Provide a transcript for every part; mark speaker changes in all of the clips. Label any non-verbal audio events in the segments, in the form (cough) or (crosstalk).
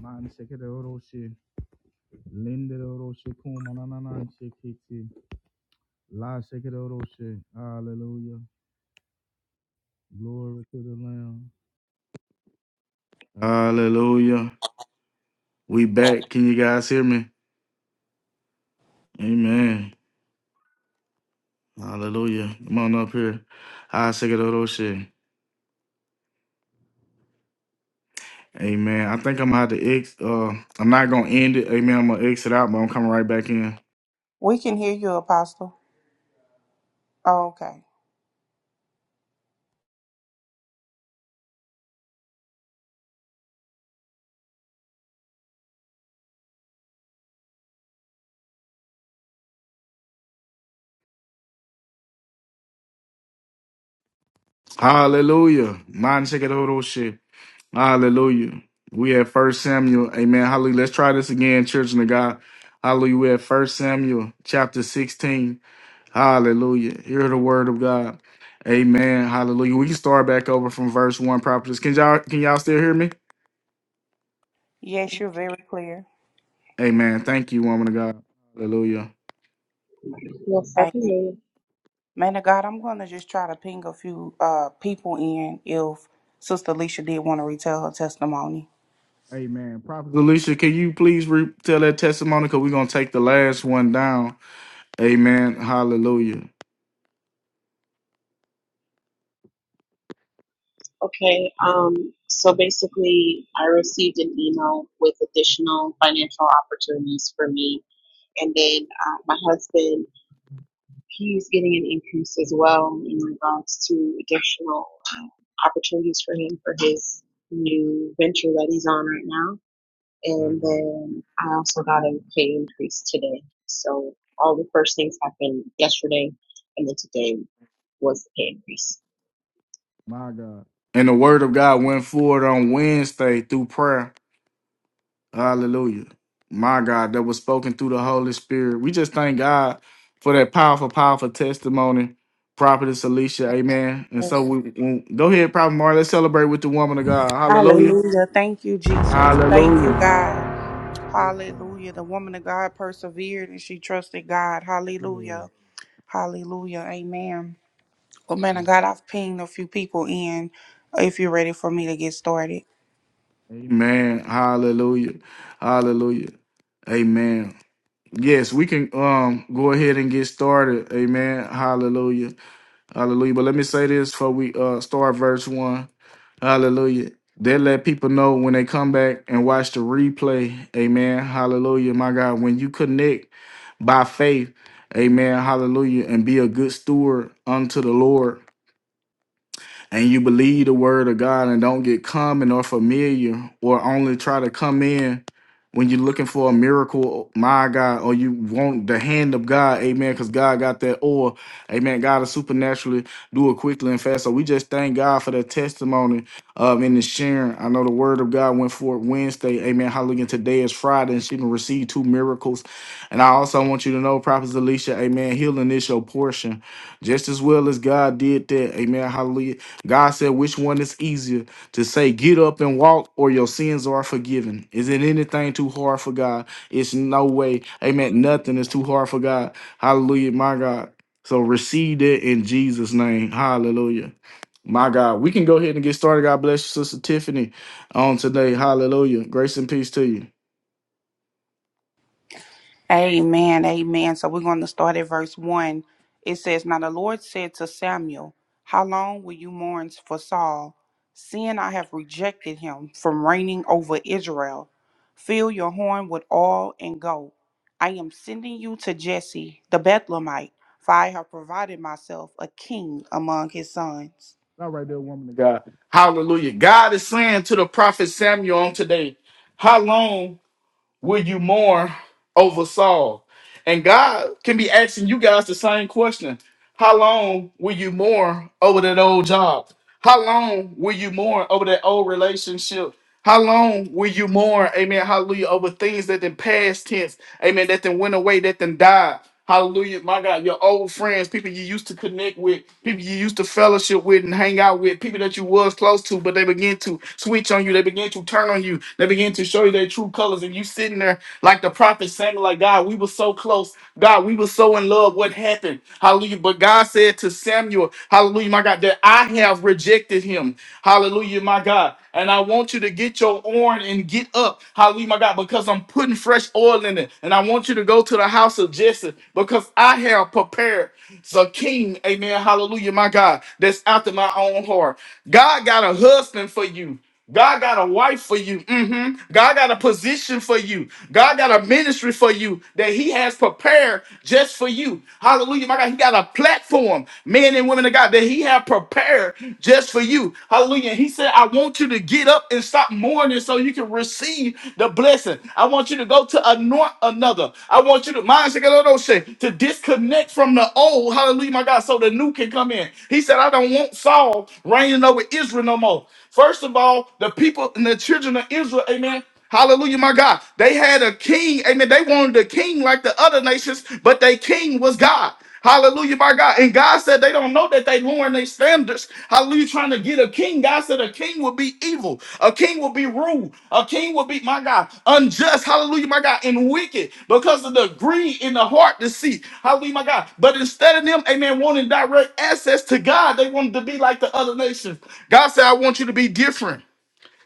Speaker 1: Man shekere oroshe, lendere oroshe kumanananan shekete, la shekere oroshe. Hallelujah. Glory to the Lamb. Hallelujah. We back. Can you guys hear me? Amen. Hallelujah. Come on up here. I say that shit. Amen. I think I'm out to ex uh I'm not gonna end it. Amen. I'm gonna exit out, but I'm coming right back in.
Speaker 2: We can hear you, Apostle. Oh, okay.
Speaker 1: Hallelujah. Man, shake it shit. Hallelujah. We at First Samuel. Amen. Hallelujah. Let's try this again, children of God. Hallelujah. We at First Samuel chapter 16. Hallelujah. Hear the word of God. Amen. Hallelujah. We can start back over from verse one prophetess. Can y'all can y'all still hear me?
Speaker 2: Yes, you're very clear.
Speaker 1: Amen. Thank you, woman of God. Hallelujah.
Speaker 3: Well,
Speaker 2: Amen.
Speaker 3: certainly.
Speaker 2: Man of God, I'm going to just try to ping a few uh, people in if Sister Alicia did want to retell her testimony.
Speaker 1: Amen. Prophet Alicia, can you please re- tell that testimony? Because we're gonna take the last one down. Amen. Hallelujah.
Speaker 3: Okay. Um, so basically, I received an email with additional financial opportunities for me. And then uh, my husband, he's getting an increase as well in regards to additional opportunities for him for his new venture that he's on right now. And then I also got a pay increase today. So all the first things happened yesterday, and then today was the pay increase.
Speaker 1: My God. And the word of God went forward on Wednesday through prayer. Hallelujah. My God, that was spoken through the Holy Spirit. We just thank God for that powerful, powerful testimony. Prophetess Alicia, amen. And so
Speaker 2: Yes.
Speaker 1: we, we- go ahead, Prophet Mark. Let's celebrate with the woman of God. Hallelujah.
Speaker 2: Hallelujah. Thank you, Jesus. Thank you,
Speaker 1: Hallelujah.
Speaker 2: God.
Speaker 1: Yes, God.
Speaker 2: Hallelujah. The woman of God persevered and she trusted God. Hallelujah.
Speaker 1: Amen.
Speaker 2: Hallelujah. Amen. Well, man of God, I've pinged a few people in if you're ready for me to get started.
Speaker 1: Amen. Hallelujah. Hallelujah. Amen. Yes, we can um go ahead and get started. Amen. Hallelujah. Hallelujah. But let me say this before we uh start verse one. Hallelujah. They let people know when they come back and watch the replay. Amen. Hallelujah. My God, when you connect by faith, amen. Hallelujah. And be a good steward unto the Lord and you believe the word of God and don't get common or familiar or only try to come in when you're looking for a miracle, my God, or you want the hand of God, amen, because God got that oil, amen. God will supernaturally do it quickly and fast. So we just thank God for that testimony of in the sharing. I know the word of God went forth Wednesday, amen. Hallelujah. Today is Friday, and she can receive two miracles. And I also want you to know, Prophet Alicia, amen, healing is your portion just as well as God did that. Amen. Hallelujah. God said, which one is easier to say, get up and walk, or your sins are forgiven? Is it anything too hard for God? It's no way. Amen. Nothing is too hard for God. Hallelujah, my God. So receive that in Jesus' name. Hallelujah. My God. We can go ahead and get started. God bless you, Sister Tiffany, on today. Hallelujah. Grace and peace to you.
Speaker 2: Amen. Amen. So we're going to start at verse 1. It says, Now the Lord said to Samuel, How long will you mourn for Saul, seeing I have rejected him from reigning over Israel? Fill your horn with oil and go. I am sending you to Jesse the Bethlehemite, for I have provided myself a king among his sons.
Speaker 1: Not right there, woman of God. Hallelujah. God is saying to the prophet Samuel on today, How long? Will you mourn over Saul? And God can be asking you guys the same question. How long will you mourn over that old job? How long will you mourn over that old relationship? How long will you mourn, amen, hallelujah, over things that then past tense, amen, that then went away, that then died. Hallelujah, my God, your old friends, people you used to connect with, people you used to fellowship with and hang out with, people that you was close to, but they begin to switch on you, they begin to turn on you, they begin to show you their true colors, and you sitting there like the prophet Samuel, like God, we were so close, God, we were so in love. What happened? Hallelujah. But God said to Samuel, Hallelujah, my God, that I have rejected him. Hallelujah, my God. And I want you to get your oil and get up. Hallelujah, my God, because I'm putting fresh oil in it. And I want you to go to the house of Jesse because I have prepared the king. Amen. Hallelujah, my God. That's after my own heart. God got a husband for you. God got a wife for you. Mhm. God got a position for you. God got a ministry for you that He has prepared just for you. Hallelujah. My God, He got a platform, men and women of God, that He have prepared just for you. Hallelujah. And He said, I want you to get up and stop mourning so you can receive the blessing. I want you to go to anoint another. I want you to mind to disconnect from the old. Hallelujah, my God, so the new can come in. He said, I don't want Saul reigning over Israel no more. First of all, so the people and the children of Israel, amen. Hallelujah, my God. They had a king, amen. They wanted a king like the other nations, but their king was God. Hallelujah, my God. And God said they don't know that they lowering their standards. Hallelujah, trying to get a king. God said a king will be evil. A king will be rude. A king will be, my God, unjust. Hallelujah, my God, and wicked because of the greed in the heart deceit. Hallelujah, my God. But instead of them, amen, wanting direct access to God, they wanted to be like the other nations. God said, I want you to be different.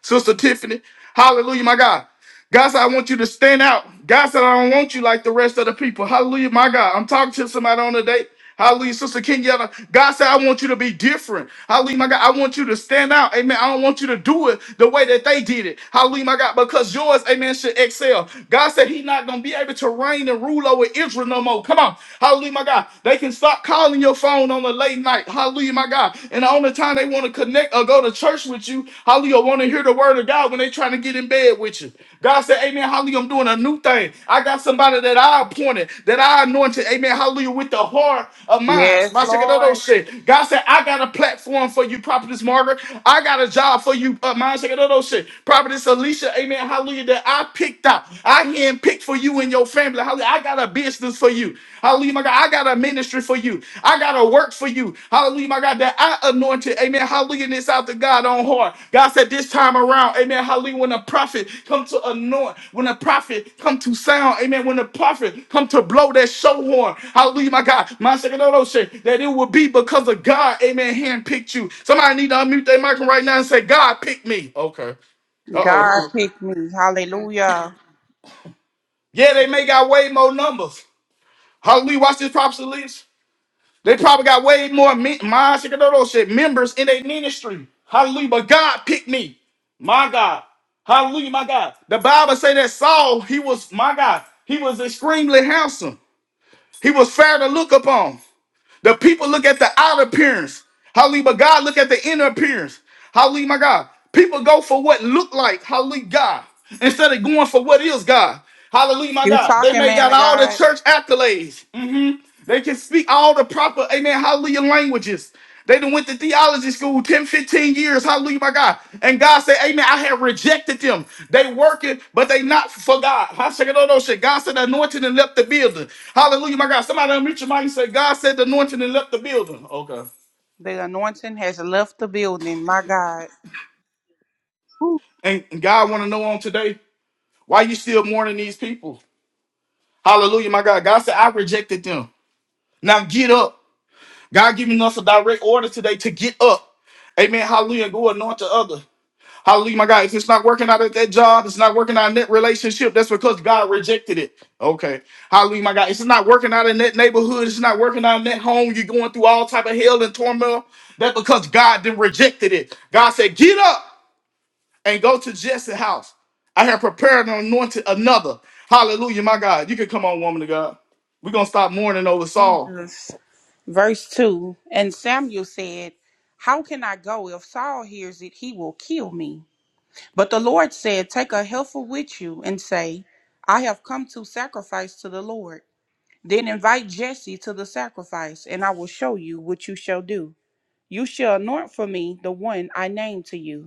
Speaker 1: Sister Tiffany. Hallelujah, my God. God said, I want you to stand out. God said, I don't want you like the rest of the people. Hallelujah, my God. I'm talking to somebody on the day. Hallelujah, Sister Kenyatta. God said, I want you to be different. Hallelujah, my God. I want you to stand out. Amen. I don't want you to do it the way that they did it. Hallelujah, my God. Because yours, amen, should excel. God said, He's not going to be able to reign and rule over Israel no more. Come on. Hallelujah, my God. They can stop calling your phone on the late night night. Hallelujah, my God. And the only time they want to connect or go to church with you, hallelujah, want to hear the word of God when they trying to get in bed with you. God said, Amen, hallelujah, I'm doing a new thing. I got somebody that I appointed, that I anointed, amen, hallelujah, with the heart of mine.
Speaker 2: Yes,
Speaker 1: My check it out, oh,
Speaker 2: Lord.
Speaker 1: shit. God said, I got a platform for you, Prophetess Margaret. I got a job for you, uh, my check it out, oh, shit. Prophetess Alicia, amen, hallelujah, that I picked out. I hand picked for you and your family. Hallelujah. I got a business for you. Hallelujah, my God. I got a ministry for you. I got a work for you. Hallelujah, my God. That I anointed. Amen. Hallelujah. This out to God on heart. God said this time around. Amen. Hallelujah. When a prophet come to anoint, when a prophet come to sound. Amen. When a prophet come to blow that show horn. Hallelujah, my God. My second that it will be because of God. Amen. Handpicked you. Somebody need to unmute their microphone right now and say, God picked me. Okay. Uh oh.
Speaker 2: God pick me.
Speaker 3: God, thank
Speaker 2: Hallelujah.
Speaker 1: Yeah, they
Speaker 3: you.
Speaker 1: may got way more numbers. Hallelujah. Watch this prophecy list. They probably got way more me- my shit members in their ministry. Hallelujah. But God picked me. My God. Hallelujah, my God. The Bible say that Saul, he was, my God, he was extremely handsome. He was fair to look upon. The people look at the outer appearance. Hallelujah. But God look at the inner appearance. Hallelujah, my God. People go for what look like. Hallelujah, God. Instead of going for what is God. Hallelujah, my
Speaker 2: You
Speaker 1: God. They
Speaker 2: talking,
Speaker 1: may
Speaker 2: man
Speaker 1: got
Speaker 2: of
Speaker 1: all the
Speaker 2: God?
Speaker 1: church accolades. Mm-hmm. They can speak all the proper, amen, hallelujah languages. They done went to theology school 10, 15 years, hallelujah, my God. And God said, amen, I have rejected them. They working, but they not for God. I said, no, no, shit. God said, the anointing and left the building. Hallelujah, my God. Somebody unmute your mic and say, God said, the anointing and left the building. Okay.
Speaker 2: The anointing has left the building. My God.
Speaker 3: Whew.
Speaker 1: And God want to know on today, why you still mourning these people? Hallelujah, my God. God said, I rejected them. Now get up. God giving us a direct order today to get up. Amen. Hallelujah. Go anoint the other. Hallelujah, my God. If it's not working out at that job, it's not working out in that relationship, that's because God rejected it. Okay. Hallelujah, my God. If it's not working out in that neighborhood, it's not working out in that home, you're going through all type of hell and turmoil, that's because God then rejected it. God said, get up and go to Jesse's house. I have prepared and anointed another. Hallelujah, my God. You can come on, woman of God. We're going to stop mourning over Saul.
Speaker 2: Jesus. Verse 2 And Samuel said, How can I go? If Saul hears it, he will kill me. But the Lord said, Take a heifer with you and say, 'I have come to sacrifice to the Lord. Then invite Jesse to the sacrifice, and I will show you what you shall do. You shall anoint for me the one I name to you.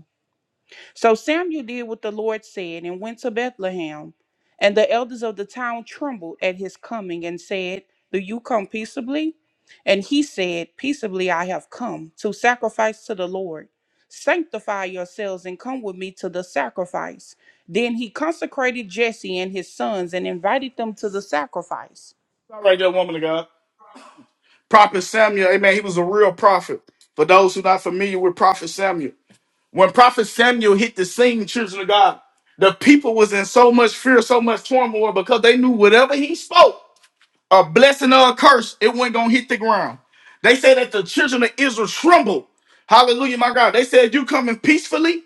Speaker 2: So Samuel did what the Lord said and went to Bethlehem. And the elders of the town trembled at his coming and said, Do you come peaceably? And he said, Peaceably I have come to sacrifice to the Lord. Sanctify yourselves and come with me to the sacrifice. Then he consecrated Jesse and his sons and invited them to the sacrifice.
Speaker 1: All right, there, woman of God. Prophet Samuel, amen, he was a real prophet. For those who are not familiar with Prophet Samuel, When Prophet Samuel hit the scene, children of God, the people was in so much fear, so much turmoil because they knew whatever he spoke, a blessing or a curse, it wasn't gonna hit the ground. They said that the children of Israel trembled. Hallelujah, my God. They said, You coming peacefully?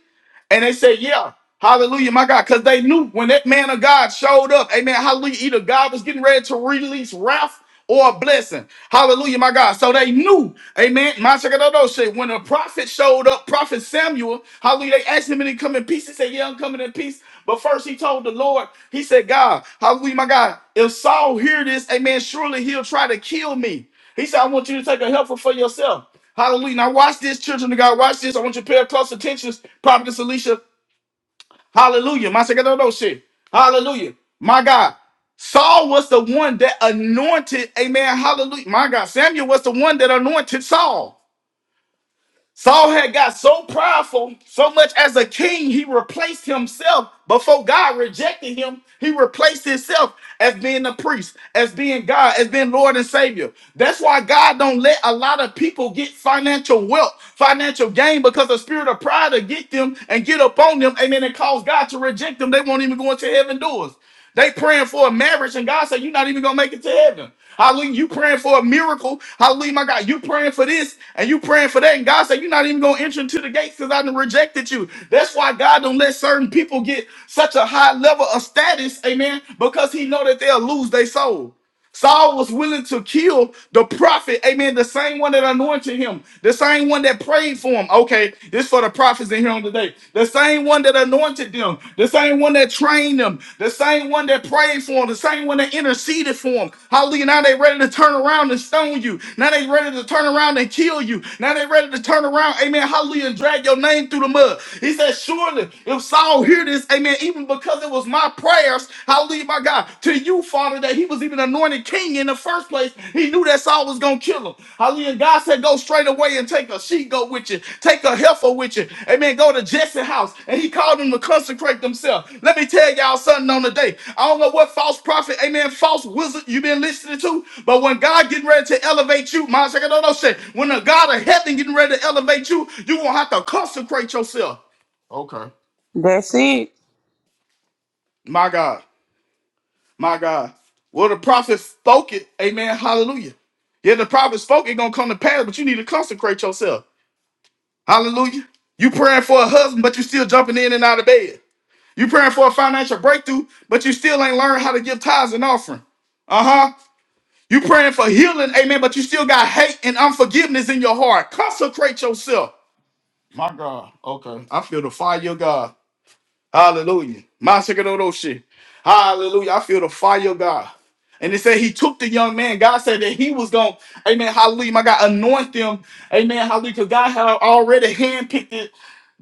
Speaker 1: And they said, Yeah, hallelujah, my God. Because they knew when that man of God showed up, amen, hallelujah, either God was getting ready to release wrath or a blessing. Hallelujah, my God. So they knew, amen. My shit. When a prophet showed up, Prophet Samuel, hallelujah, they asked him and he come in peace. He said, Yeah, I'm coming in peace. But first he told the Lord, he said, God, hallelujah, my God, if Saul hear this, amen, surely he'll try to kill me. He said, I want you to take a helper for yourself. Hallelujah. Now watch this, children of God. Watch this. I want you to pay close attention. Prophetess Alicia. Hallelujah. My second no no, no, shit. Hallelujah. My God. Saul was the one that anointed. Amen. Hallelujah. My God. Samuel was the one that anointed Saul. Saul had got so prideful, so much as a king, he replaced himself. Before God rejected him, he replaced himself as being a priest, as being God, as being Lord and Savior. That's why God don't let a lot of people get financial wealth, financial gain, because the spirit of pride will get them and get up on them, and then it cause God to reject them. They won't even go into heaven doors. They praying for a marriage, and God said, You're not even gonna make it to heaven. Hallelujah. You praying for a miracle. Hallelujah, my God. You praying for this and you praying for that. And God said, You're not even gonna enter into the gates because I done rejected you. That's why God don't let certain people get such a high level of status, amen, because he know that they'll lose their soul. Saul was willing to kill the prophet, amen, the same one that anointed him, the same one that prayed for him. Okay, this for the prophets in here on today. The same one that anointed them, the same one that trained them, the same one that prayed for them, the same one that interceded for them. Hallelujah. Now they ready to turn around and stone you. Now they ready to turn around and kill you. Now they ready to turn around, amen, hallelujah, and drag your name through the mud. He said, surely if Saul hear this, amen, even because it was my prayers, hallelujah, my God, to you, Father, that he was even anointed king in the first place. He knew that Saul was going to kill him. Hallelujah. And God said, go straight away and take a she goat with you, take a heifer with you. Amen. Go to Jesse's house. And he called them to consecrate themselves. Let me tell y'all something on the day. I don't know what false prophet, amen, false wizard you've been listening to, but when God getting ready to elevate you, my second, no, no, shit. When the God of heaven getting ready to elevate you, you gonna have to consecrate yourself. Okay.
Speaker 2: That's it.
Speaker 1: My God. My God. Well, the prophet spoke it. Amen. Hallelujah. Yeah, the prophet spoke it gonna come to pass, but you need to consecrate yourself. Hallelujah. You praying for a husband, but you still jumping in and out of bed. You praying for a financial breakthrough, but you still ain't learned how to give tithes and offering. Uh-huh. You praying for healing, amen, but you still got hate and unforgiveness in your heart. Consecrate yourself. My God. Okay. I feel the fire of God. Hallelujah. Masakododo shit. Hallelujah. I feel the fire of God. And they said he took the young man. God said that he was going, amen, hallelujah, my God, anoint them. Amen, hallelujah, because God had already handpicked it.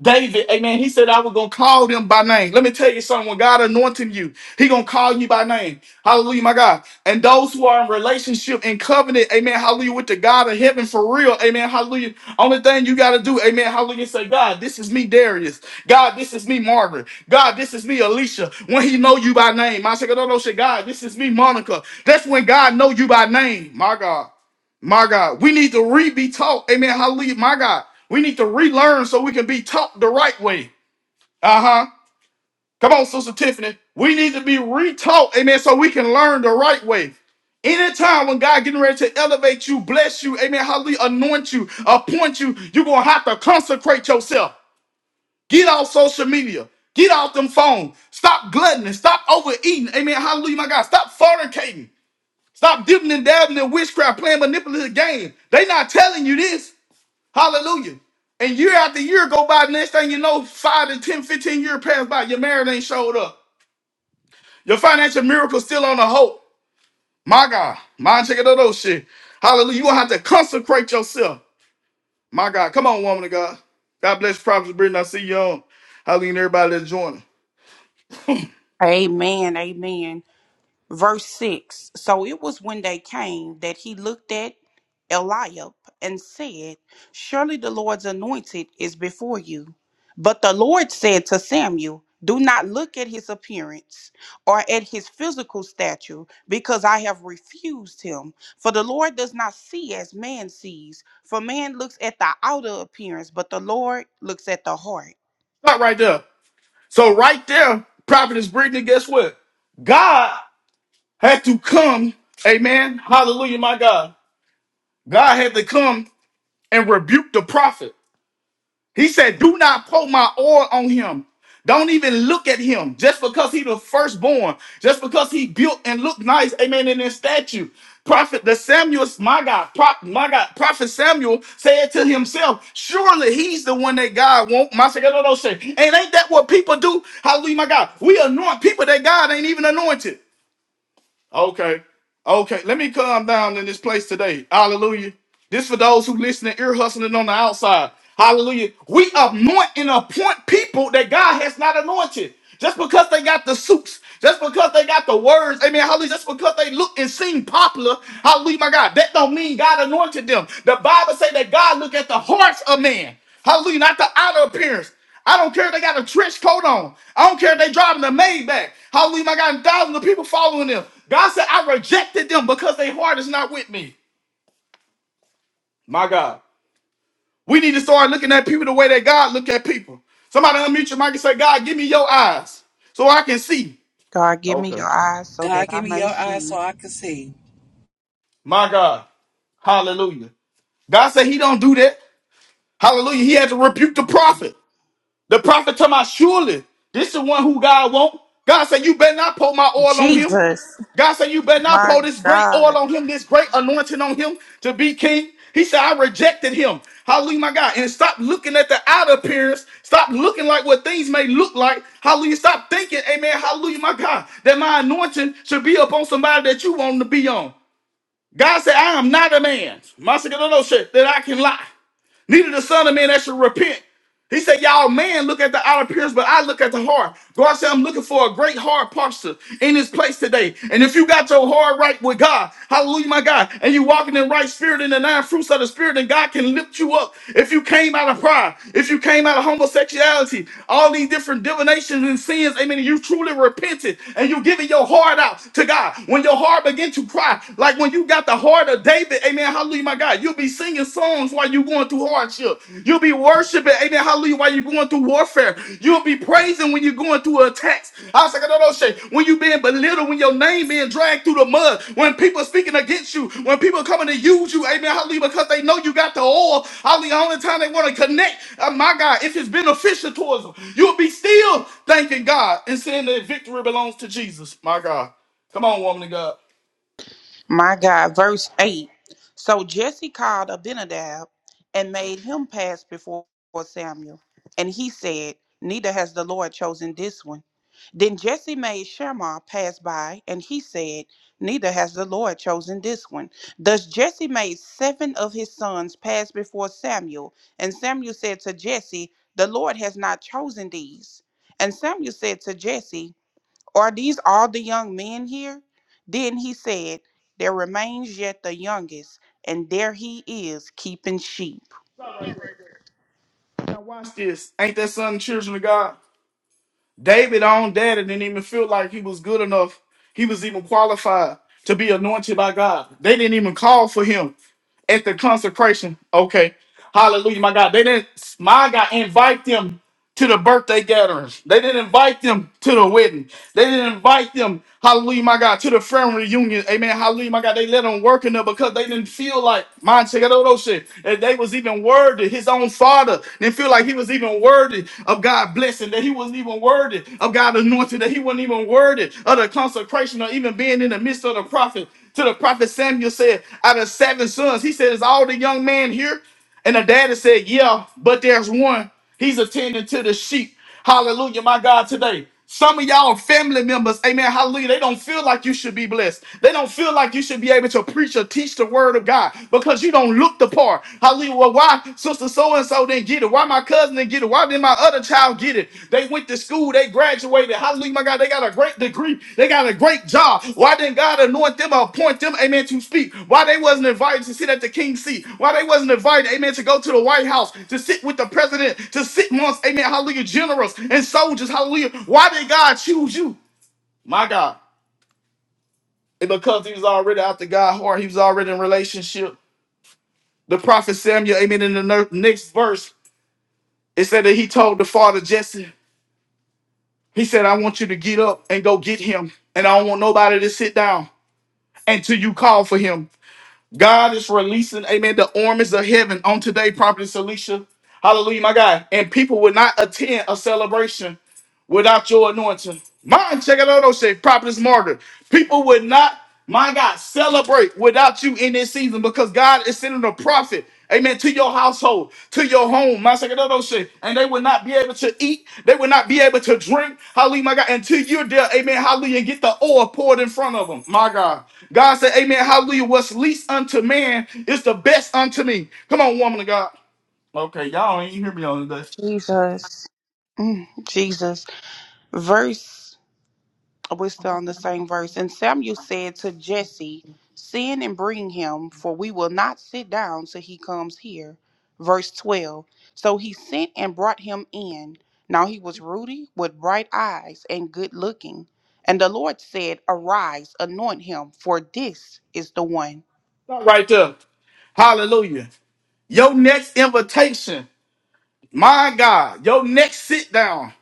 Speaker 1: David, amen. He said, I was gonna call them by name. Let me tell you something. When God anointing you, He gonna call you by name. Hallelujah, my God. And those who are in relationship and covenant, amen, hallelujah, with the God of heaven for real, amen, hallelujah. Only thing you gotta do, amen, hallelujah, say, God, this is me, Darius. God, this is me, Margaret. God, this is me, Alicia. When He know you by name, I said, no, no, say, God, this is me, Monica. That's when God know you by name, my God. My God, we need to re be taught. Amen. Hallelujah. My God, we need to relearn so we can be taught the right way. Uh huh. Come on, Sister Tiffany. We need to be retaught. Amen. So we can learn the right way. Anytime when God getting ready to elevate you, bless you, amen, hallelujah, anoint you, appoint you, you're going to have to consecrate yourself. Get off social media. Get off them phones. Stop gluttoning. Stop overeating. Amen. Hallelujah, my God. Stop fornicating. Stop dipping and dabbing in witchcraft, playing manipulative games. They not telling you this. Hallelujah. And year after year go by, next thing you know, five to 10, 15 years pass by, your marriage ain't showed up. Your financial miracle still on the hope. My God, mind check it out, those shit. Hallelujah. You gonna have to consecrate yourself. My God, come on, woman of God. God bless you, Prophet Brittany. I see you on. Hallelujah, and everybody that's joining.
Speaker 2: Amen. Amen. Verse 6 So it was when they came that he looked at Eliab and said, Surely the Lord's anointed is before you. But the Lord said to Samuel, Do not look at his appearance or at his physical stature, because I have refused him. For the Lord does not see as man sees, for man looks at the outer appearance, but the Lord looks at the heart.
Speaker 1: Stop right there. So right there, Prophetess Brittany, guess what? God had to come. Amen. Hallelujah, my God. God had to come and rebuke the prophet. He said, Do not pour my oil on him. Don't even look at him just because he the firstborn, just because he built and looked nice, amen, in his statue. Prophet the Samuel, my God, prop, my God, Prophet Samuel said to himself, Surely he's the one that God won't. My second no, no, say, and ain't that what people do? Hallelujah, my God. We anoint people that God ain't even anointed. Okay. Okay. Let me calm down in this place today. Hallelujah. This for those who listening, ear hustling on the outside. Hallelujah. We anoint and appoint people that God has not anointed. Just because they got the suits, just because they got the words, amen, hallelujah, just because they look and seem popular, hallelujah, my God, that don't mean God anointed them. The Bible say that God look at the hearts of man, hallelujah, not the outer appearance. I don't care if they got a trench coat on. I don't care if they driving the Maybach. Hallelujah, I got thousands of people following them. God said, I rejected them because their heart is not with me. My God. We need to start looking at people the way that God look at people. Somebody unmute your mic and say, God, give me your eyes so I can see.
Speaker 2: God, give me
Speaker 1: Okay.
Speaker 2: your eyes so
Speaker 4: God,
Speaker 2: that
Speaker 4: give
Speaker 2: I
Speaker 4: me
Speaker 2: may
Speaker 4: your eyes
Speaker 2: see.
Speaker 4: so I can see.
Speaker 1: My God. Hallelujah. God said he don't do that. Hallelujah. He had to rebuke the
Speaker 3: Awesome.
Speaker 1: prophet. The prophet told my surely this is the one who God want. God said, you better not pour my oil on him.
Speaker 2: Jesus,
Speaker 1: God said, you better not
Speaker 2: my
Speaker 1: pour this great
Speaker 2: God.
Speaker 1: oil on him, this great anointing on him to be king. He said, I rejected him. Hallelujah, my God. And stop looking at the outer appearance. Stop looking like what things may look like. Hallelujah. Stop thinking, amen, hallelujah, my God, that my anointing should be upon somebody that you want to be on. God said, I am not a man, my second, no, no, shit, that I can lie neither the son of man that should repent. He said, Y'all man look at the outer appearance, but I look at the heart. God said, I'm looking for a great heart posture in this place today. And if you got your heart right with God, hallelujah, my God, and you walking in right spirit in the nine fruits of the spirit, then God can lift you up. If you came out of pride, if you came out of homosexuality, all these different divinations and sins, amen, and you truly repented and you giving your heart out to God. When your heart begin to cry, like when you got the heart of David, amen, hallelujah, my God, you be singing songs while you're going through hardship. You'll be worshiping, amen, hallelujah, while you're going through warfare. You'll be praising when you're going through attacks. I was like, no, no, shit. When you being belittled, when your name being dragged through the mud, when people speaking against you, when people coming to use you, amen, hallelujah, because they know you got the oil. Hallelujah, only time they want to connect, uh, my God, if it's beneficial towards them, you'll be still thanking God and saying that victory belongs to Jesus, my God. Come on, woman of God.
Speaker 2: My God, verse 8. So Jesse called Abinadab and made him pass before Samuel. And he said, Neither has the Lord chosen this one. Then Jesse made Shammah pass by, and he said, Neither has the Lord chosen this one. Thus Jesse made seven of his sons pass before Samuel. And Samuel said to Jesse, The Lord has not chosen these. And Samuel said to Jesse, are these all the young men here? Then he said, There remains yet the youngest, and there he is keeping sheep.
Speaker 1: Stop right there. Now watch this. Ain't that something, children of God? David on daddy didn't even feel like he was good enough. He was even qualified to be anointed by God. They didn't even call for him at the consecration. Okay. Hallelujah, my God. They didn't, my God, invite them to the birthday gatherings. They didn't invite them to the wedding. They didn't invite them, hallelujah, my God, to the family reunion. Amen. Hallelujah, my God. They let them work in there because they didn't feel like, man, check out all those shit. That they was even worthy. His own father didn't feel like he was even worthy of God blessing, that he wasn't even worthy of God anointing, that he wasn't even worthy of the consecration or even being in the midst of the prophet. To the prophet Samuel said, out of seven sons, he said, is all the young man here? And the daddy said, Yeah, but there's one. He's attending to the sheep. Hallelujah, my God, today. Some of y'all family members, amen, hallelujah, they don't feel like you should be blessed. They don't feel like you should be able to preach or teach the word of God because you don't look the part. Hallelujah. Well, why sister so and so didn't get it? Why my cousin didn't get it? Why did my other child get it. They went to school, they graduated. Hallelujah, my God. They got a great degree. They got a great job. Why didn't God anoint them or appoint them, amen, to speak? Why they wasn't invited to sit at the king's seat? Why they wasn't invited, amen, to go to the White House, to sit with the president, to sit amongst, amen, hallelujah, generals and soldiers, hallelujah. Why did God choose you? My God. And because he was already after God's heart, he was already in relationship. The prophet Samuel, amen, in the ner- next verse, it said that he told the father Jesse. He said, I want you to get up and go get him. And I don't want nobody to sit down until you call for him. God is releasing, amen, the armies of heaven on today, Prophet Alicia. Hallelujah, my God. And people would not attend a celebration without your anointing. Mine, check it out, those say prophetess martyr. People would not, my God, celebrate without you in this season because God is sending a prophet. Amen. To your household, to your home, my second other shit. And they would not be able to eat. They would not be able to drink. Hallelujah, my God. Until you're there, amen. Hallelujah. Get the oil poured in front of them. My God. God said, Amen. Hallelujah. What's least unto man is the best unto me. Come on, woman of God. Okay, y'all ain't hear me on this.
Speaker 2: Jesus. Mm, Jesus. Verse We're still on the same verse. And Samuel said to Jesse, Send and bring him, for we will not sit down till he comes here. Verse 12. So he sent and brought him in. Now he was ruddy, with bright eyes, and good looking. And the Lord said, Arise, anoint him, for this is the one.
Speaker 1: Not right there. Hallelujah. Your next invitation, my God, your next sit down,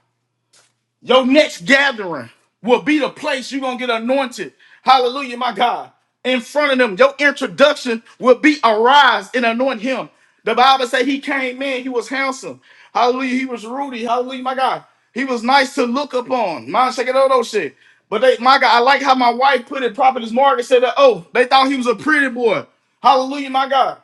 Speaker 1: your next gathering will be the place you're going to get anointed. Hallelujah, my God. In front of them, your introduction will be arise and anoint him. The Bible say he came in, he was handsome. Hallelujah, he was ruddy. Hallelujah, my God. He was nice to look upon. My shake it all those shit. But they, my God, I like how my wife put it. Prophetess Margaret said that, oh, they thought he was a pretty boy. Hallelujah, my God.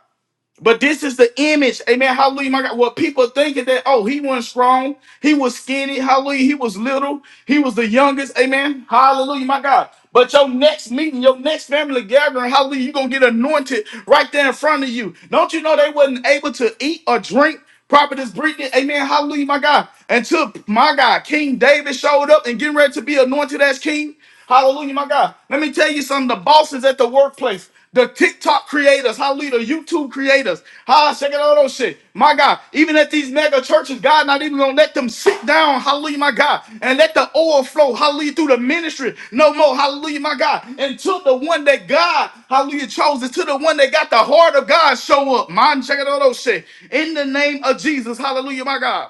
Speaker 1: But this is the image, amen. Hallelujah, my God. What people thinking that, oh, he wasn't strong, he was skinny, hallelujah, he was little, he was the youngest, amen. Hallelujah, my God. But your next meeting, your next family gathering, hallelujah, you're gonna get anointed right there in front of you. Don't you know they wasn't able to eat or drink? Prophetess Brittany, amen. Hallelujah, my God. Until my God, King David showed up and getting ready to be anointed as king. Hallelujah, my God. Let me tell you something. The bosses at the workplace, the TikTok creators, hallelujah, the YouTube creators, ha, check it out, those shit. My God, even at these mega churches, God not even gonna let them sit down, hallelujah, my God, and let the oil flow, hallelujah, through the ministry no more, hallelujah, my God, until the one that God, hallelujah, chose, until the one that got the heart of God show up. Man, check it out, those shit. In the name of Jesus, hallelujah, my God.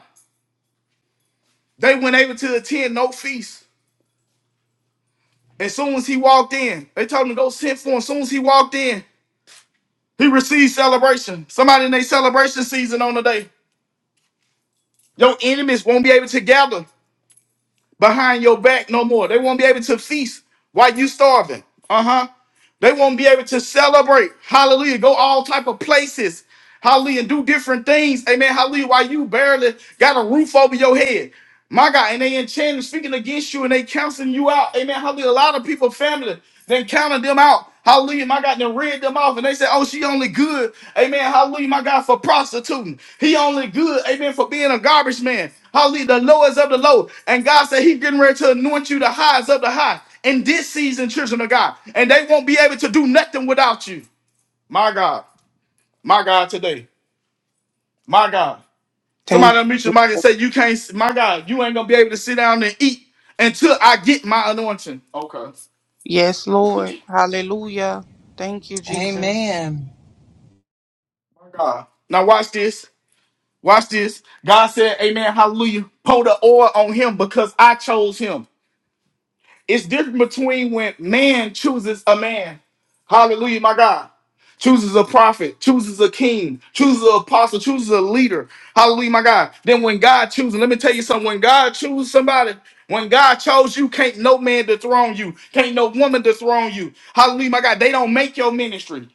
Speaker 1: They weren't able to attend no feast. As soon as he walked in, they told him to go send for him. As soon as he walked in, he received celebration. Somebody in their celebration season on the day. Your enemies won't be able to gather behind your back no more. They won't be able to feast while you starving. Uh-huh. They won't be able to celebrate. Hallelujah. Go all type of places. Hallelujah. And do different things. Amen. Hallelujah. While you barely got a roof over your head. My God. And they enchanted speaking against you and they counseling you out. Amen. Hallelujah. A lot of people, family, then counted them out. Hallelujah, my God, then read them off and they said, Oh, she only good, amen. Hallelujah, my God, for prostituting. He only good, amen, for being a garbage man. Hallelujah, the lowest of the low. And God said, He's getting ready to anoint you the highest of the high in this season, children of God. And they won't be able to do nothing without you. My God, my God, today, my God.
Speaker 2: Thank
Speaker 1: Somebody unmute your
Speaker 2: you.
Speaker 1: mic and
Speaker 2: Jesus.
Speaker 1: say, You can't, my God, you ain't gonna be able to sit down and eat until I get my anointing. Okay,
Speaker 2: Yes, Lord. Hallelujah. Thank you, Jesus.
Speaker 4: Amen.
Speaker 1: my God. Now, watch this. Watch this. God said, Amen, hallelujah. Pour the oil on him because I chose him. It's different between when man chooses a man. Hallelujah, my God. Chooses a prophet, chooses a king, chooses an apostle, chooses a leader. Hallelujah, my God. Then when God chooses, let me tell you something. When God chooses somebody, when God chose you, can't no man dethrone you. Can't no woman dethrone you. Hallelujah, my God. They don't make your ministry.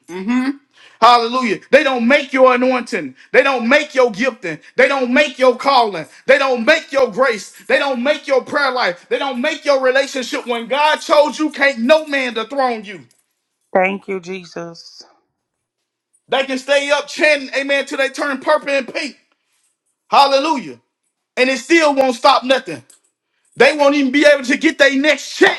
Speaker 1: Hallelujah. They don't make your anointing. They don't make your gifting. They don't make your calling. They don't make your grace. They don't make your prayer life. They don't make your relationship. When God chose you, can't no man dethrone you.
Speaker 2: Thank you, Jesus.
Speaker 1: They can stay up chanting, amen, till they turn purple and pink. Hallelujah. And it still won't stop nothing. They won't even be able to get their next check.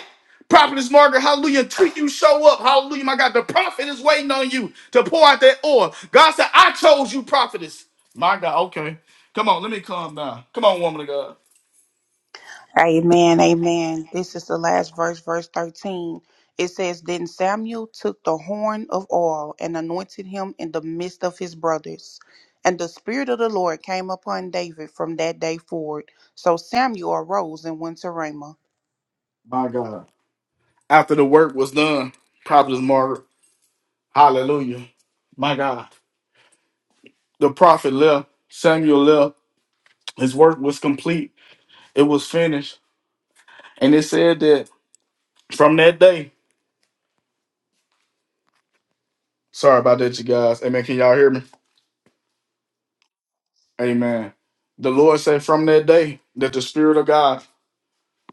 Speaker 1: Prophetess Margaret, hallelujah, until you show up. Hallelujah, my God. The prophet is waiting on you to pour out that oil. God said, I chose you, prophetess. My God, okay. Come on, let me calm down. Come on, woman of God.
Speaker 2: Amen, amen. This is the last verse, verse 13. It says, Then Samuel took the horn of oil and anointed him in the midst of his brothers. And the Spirit of the Lord came upon David from that day forward. So Samuel arose and went to Ramah.
Speaker 1: My God. After the work was done, prophetess Margaret, hallelujah. My God. The prophet left, Samuel left. His work was complete, it was finished. And it said that from that day, sorry about that, you guys. Amen. Can y'all hear me? Amen. The Lord said from that day that the Spirit of God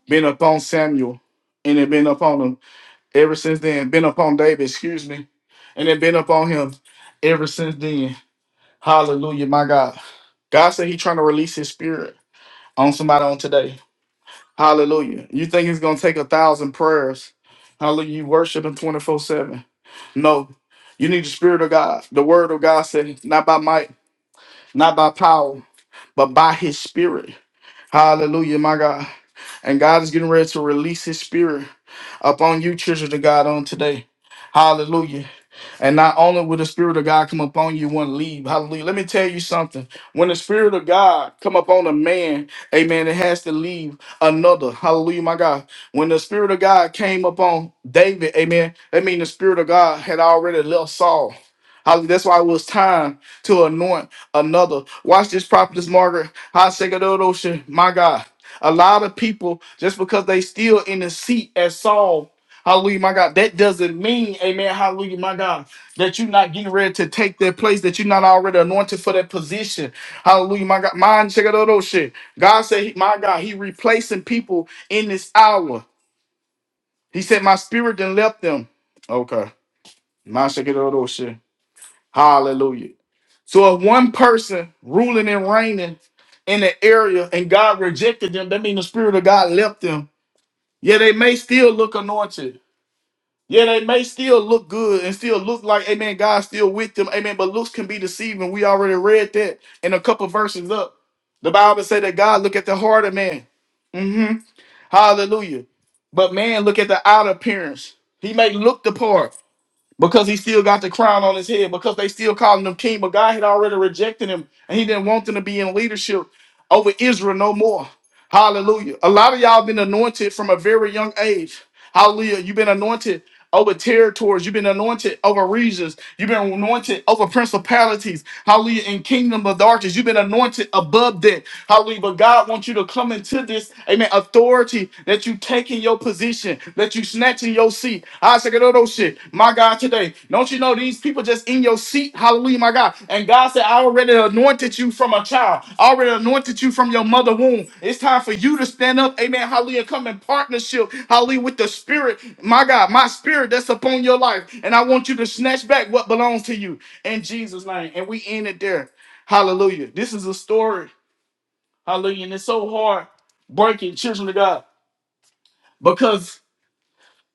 Speaker 1: been upon Samuel and it been upon him ever since then, been upon David, excuse me, and it been upon him ever since then. Hallelujah, my God. God said He trying to release his spirit on somebody on today. Hallelujah. You think it's gonna take a thousand prayers. Hallelujah. You worship him 24-7. No, you need the spirit of God. The word of God said, not by might, not by power, but by his spirit. Hallelujah, my God. And God is getting ready to release his spirit upon you, children of God, on today. Hallelujah. And not only will the Spirit of God come upon you, one leave. Hallelujah. Let me tell you something. When the Spirit of God come upon a man, amen, it has to leave another. Hallelujah, my God. When the Spirit of God came upon David, amen, that means the Spirit of God had already left Saul. Hallelujah. That's why it was time to anoint another. Watch this prophetess Margaret. High Ocean. My God. A lot of people, just because they still in the seat as Saul, hallelujah, my God, that doesn't mean, amen, hallelujah, my God that you're not getting ready to take that place, that you're not already anointed for that position. Hallelujah, my God. Mind check out all those shit. God said, he- my God, he replacing people in this hour. He said, my spirit then left them. Okay. Mind check out all those shit. Hallelujah. So if one person ruling and reigning in the area and God rejected them, that means the spirit of God left them. Yeah, they may still look anointed. Yeah, they may still look good and still look like, amen, God's still with them, amen. But looks can be deceiving. We already read that in a couple verses up. The Bible said that God look at the heart of man. hmm Hallelujah. But man look at the outer appearance. He may look the part because he still got the crown on his head, because they still calling him king. But God had already rejected him and he didn't want them to be in leadership over Israel no more. Hallelujah. A lot of y'all been anointed from a very young age. Hallelujah. You've been anointed over territories. You've been anointed over regions. You've been anointed over principalities. Hallelujah. In kingdom of darkness. You've been anointed above that. Hallelujah. But God wants you to come into this, amen, authority that you take in your position, that you snatch in your seat. I say, "Get out those shit. My God, today. No don't you know these people just in your seat? Hallelujah, my God. And God said, I already anointed you from a child. I already anointed you from your mother womb. It's time for you to stand up. Amen. Hallelujah. Come in partnership. Hallelujah with the spirit. My God, my spirit that's upon your life. And I want you to snatch back what belongs to you in Jesus' name. And we end it there. Hallelujah. This is a story. Hallelujah. And it's so hard breaking children of God because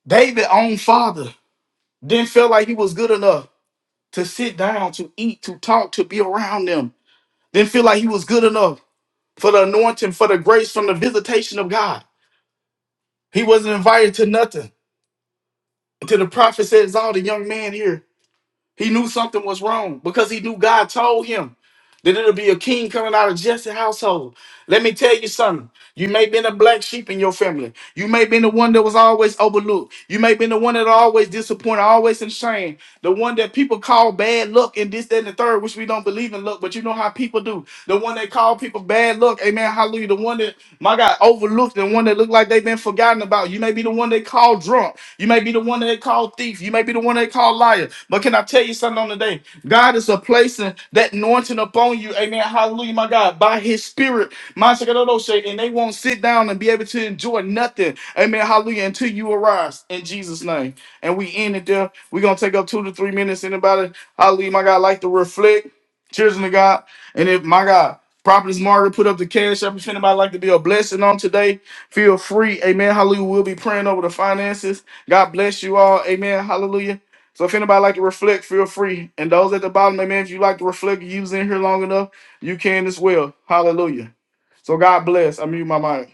Speaker 1: David, own father, didn't feel like he was good enough. to sit down, to eat, to talk, to be around them. Didn't feel like he was good enough for the anointing, for the grace from the visitation of God. He wasn't invited to nothing. Until the prophet said, "All the young man here." He knew something was wrong because he knew God told him that it'll be a king coming out of Jesse's household. Let me tell you something. You may have been a black sheep in your family. You may have been the one that was always overlooked. You may have been the one that always disappointed, always in shame. The one that people call bad luck and this, that, and the third, which we don't believe in luck, but you know how people do. The one that call people bad luck. Amen. Hallelujah. The one that, my God, overlooked. The one that looked like they've been they've been forgotten about. You may be the one they call drunk. You may be the one they call thief. You may be the one they call liar. But can I tell you something on the day? God is a placing that anointing upon you. Amen. Hallelujah, my God. By his spirit, my Shakadodo and they won't sit down and be able to enjoy nothing. Amen. Hallelujah. Until you arise in Jesus' name. And we end it there. We're gonna take up two to three minutes. Anybody, hallelujah, my God, like to reflect. Cheers to God. And if my God, Prophetess Margaret put up the cash up. If anybody like to be a blessing on today, Feel free. Amen. Hallelujah. We'll be praying over the finances. God bless you all. Amen. Hallelujah. So if anybody like to reflect, feel free. And those at the bottom, amen. If you like to reflect, you was in here long enough, you can as well. Hallelujah. So God bless. I mute my mic.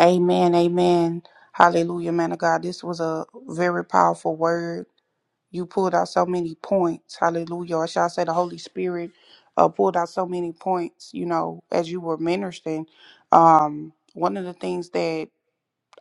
Speaker 2: Amen, amen. Hallelujah, man of God. This was a very powerful word. You pulled out so many points. Hallelujah. Or shall I say the Holy Spirit uh, pulled out so many points, you know, as you were ministering. Um, one of the things that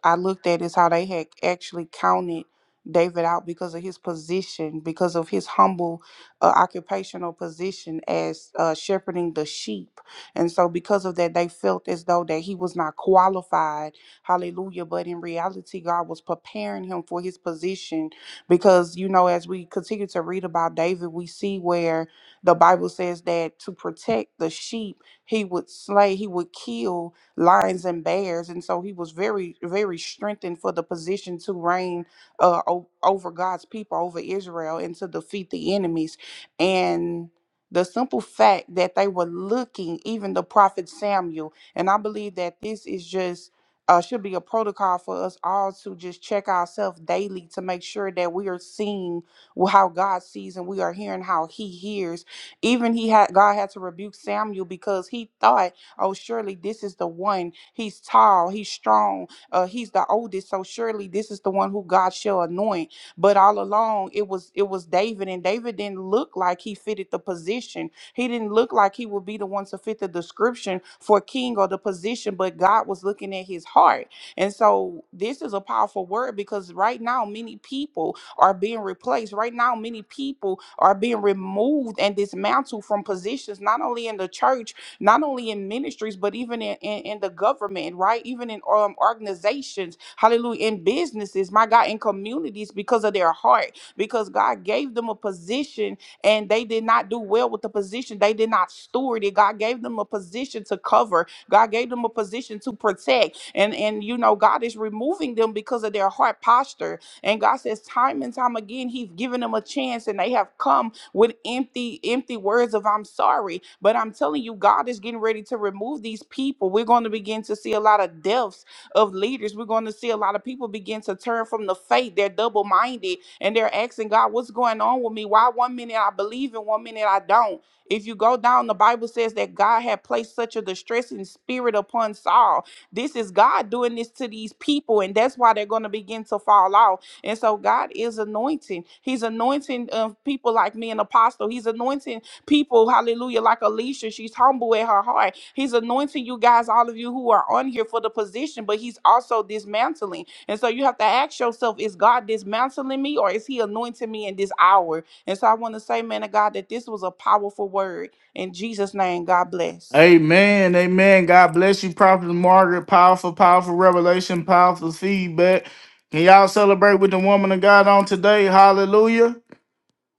Speaker 2: I looked at is how they had actually counted David out because of his position, because of his humble uh, occupational position as uh, shepherding the sheep. And so, because of that, they felt as though that he was not qualified. Hallelujah. But in reality, God was preparing him for his position because, you know, as we continue to read about David, we see where the Bible says that to protect the sheep, he would slay, he would kill lions and bears. And so he was very, very strengthened for the position to reign uh, o- over God's people, over Israel, and to defeat the enemies. And the simple fact that they were looking, even the prophet Samuel, and I believe that this is just uh, should be a protocol for us all to just check ourselves daily to make sure that we are seeing wh- how God sees and we are hearing how He hears. Even He had God had to rebuke Samuel because he thought Oh, surely this is the one. He's tall, he's strong, uh, he's the oldest. So surely this is the one who God shall anoint. But all along it was it was David, and David didn't look like he fitted the position. He didn't look like he would be the one to fit the description for king or the position, but God was looking at his heart. And so this is a powerful word because right now many people are being replaced. Right now, many people are being removed and dismantled from positions, not only in the church, not only in ministries but even in, in, in the government right even in um, organizations hallelujah in businesses my god in communities because of their heart because god gave them a position and they did not do well with the position they did not steward it god gave them a position to cover god gave them a position to protect and and you know god is removing them because of their heart posture and god says time and time again he's given them a chance and they have come with empty empty words of i'm sorry but i'm telling you god is getting ready to remove these people we're going to begin to see a lot of deaths of leaders we're going to see a lot of people begin to turn from the faith they're double-minded and they're asking god what's going on with me why one minute i believe and one minute i don't if you go down the bible says that god had placed such a distressing spirit upon saul this is god doing this to these people and that's why they're going to begin to fall off and so God is anointing. He's anointing uh, people like me, an apostle. He's anointing people, hallelujah, like Alicia. She's humble at her heart. He's anointing you guys, all of you who are on here for the position, but he's also dismantling. And so you have to ask yourself, is God dismantling me or is he anointing me in this hour? And so I want to say, man of God, that this was a powerful word. In Jesus' name, God bless.
Speaker 1: Amen. Amen. God bless you, Prophet Margaret. Powerful, powerful revelation, powerful feedback. Can y'all celebrate with the woman of God on today? Hallelujah.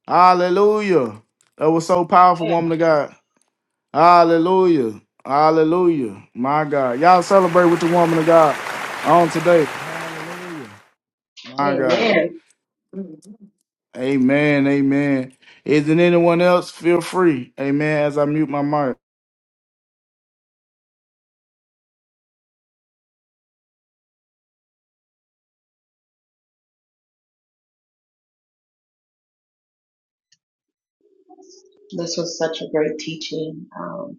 Speaker 1: Hallelujah. That was so powerful,
Speaker 3: Yeah.
Speaker 1: woman of God. Hallelujah. Hallelujah. My God. Y'all celebrate with the woman of God on today. My God.
Speaker 3: Amen.
Speaker 1: Amen. Amen. Isn't anyone else? Feel free. Amen. As I mute my mic.
Speaker 3: This was such a great teaching. Um,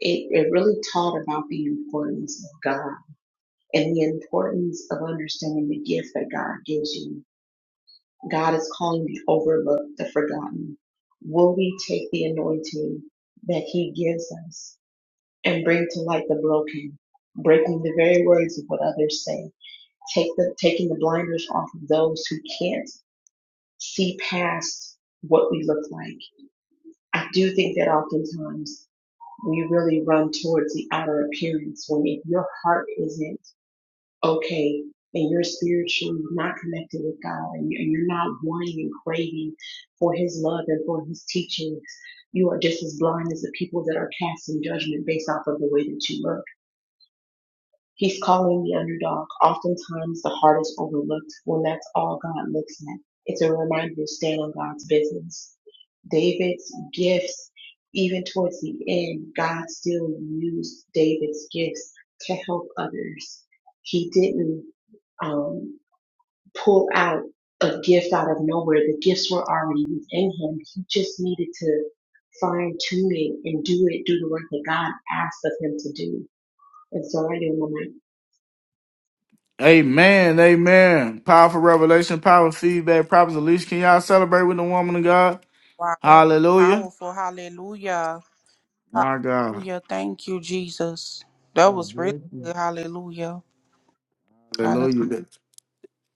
Speaker 3: it, it really taught about the importance of God and the importance of understanding the gift that God gives you. God is calling the overlooked, the forgotten. Will we take the anointing that He gives us and bring to light the broken, breaking the very words of what others say, take the, taking the blinders off of those who can't see past what we look like? I do think that oftentimes we really run towards the outer appearance when if your heart isn't okay and you're spiritually not connected with God and you- are not wanting and craving for His love and for His teaching, you are just as blind as the people that are casting judgment based off of the way that you look. He's calling the underdog. Oftentimes the heart is overlooked when that's all God looks at. It's a reminder to stand on God's business David's gifts, even towards the end, God still used David's gifts to help others. He didn't um, pull out a gift, the gifts were already within him. He just needed to fine tune it and do it, do the work that God asked of him to do. And so I didn't want
Speaker 1: Amen. Amen. Powerful revelation, powerful feedback, prophets, of leash. Can y'all celebrate with the woman of God?
Speaker 2: Wow, that was
Speaker 1: Hallelujah.
Speaker 2: Powerful. Hallelujah.
Speaker 1: My God.
Speaker 2: Hallelujah. Thank you, Jesus. That
Speaker 1: God
Speaker 2: was really
Speaker 1: bless you.
Speaker 2: good. Hallelujah. Hallelujah.
Speaker 1: Hallelujah.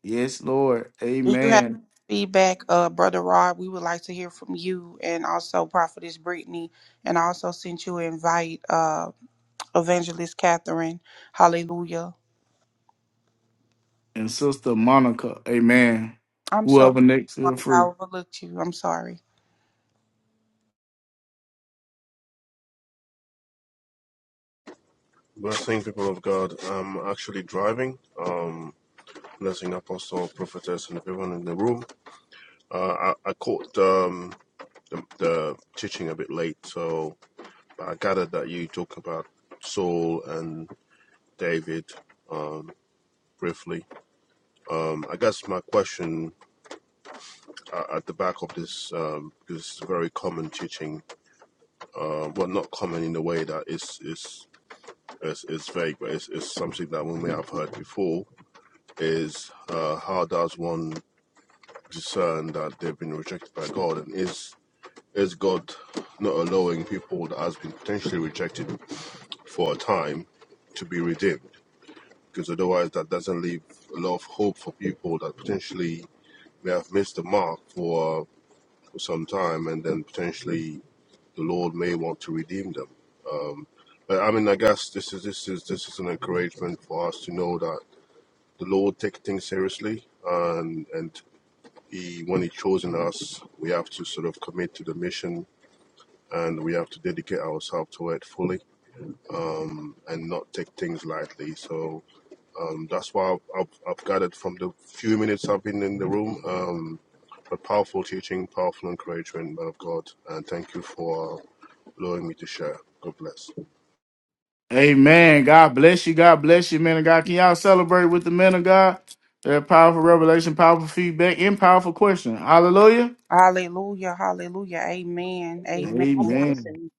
Speaker 1: Yes, Lord.
Speaker 2: If you have
Speaker 1: Amen.
Speaker 2: feedback, uh, Brother Rod, we would like to hear from you and also Prophetess Brittany. And I also sent you an invite, uh, Evangelist Catherine. Hallelujah.
Speaker 1: And Sister Monica. Amen.
Speaker 2: I'm sorry.
Speaker 1: Whoever next, feel
Speaker 2: Monica,
Speaker 1: free.
Speaker 2: I overlooked you. I'm sorry.
Speaker 5: Blessing people of God. I'm actually driving. Um, blessing apostle, prophetess, and everyone in the room. Uh, I, I caught um, the, the teaching a bit late, so I gathered that you talk about Saul and David um, briefly. Um, I guess my question uh, at the back of this um, this very common teaching, uh, well, not common in the way that is is is, is vague, but it's, it's something that we may have heard before. Is uh, how does one certain that they've been rejected by God, and is is God not allowing people that has been potentially rejected for a time to be redeemed? Because otherwise, that doesn't leave a lot of hope for people that potentially may have missed the mark for some time, and then potentially the Lord may want to redeem them. But I mean, I guess this is this is this is an encouragement for us to know that the Lord takes things seriously, and and He when He chosen us, we have to sort of commit to the mission and we have to dedicate ourselves to it fully and not take things lightly. So um, that's why I've, I've, gathered from the few minutes I've been in the room. Um, but powerful teaching, powerful encouragement, man of God, and thank you for allowing me to share. God bless.
Speaker 1: Amen. God bless you. God bless you, man of God. Can y'all celebrate with the men of God? Their powerful revelation, powerful feedback, and powerful question. Hallelujah.
Speaker 2: Hallelujah. Hallelujah. Amen. Amen.
Speaker 3: God bless
Speaker 1: Amen.
Speaker 3: him.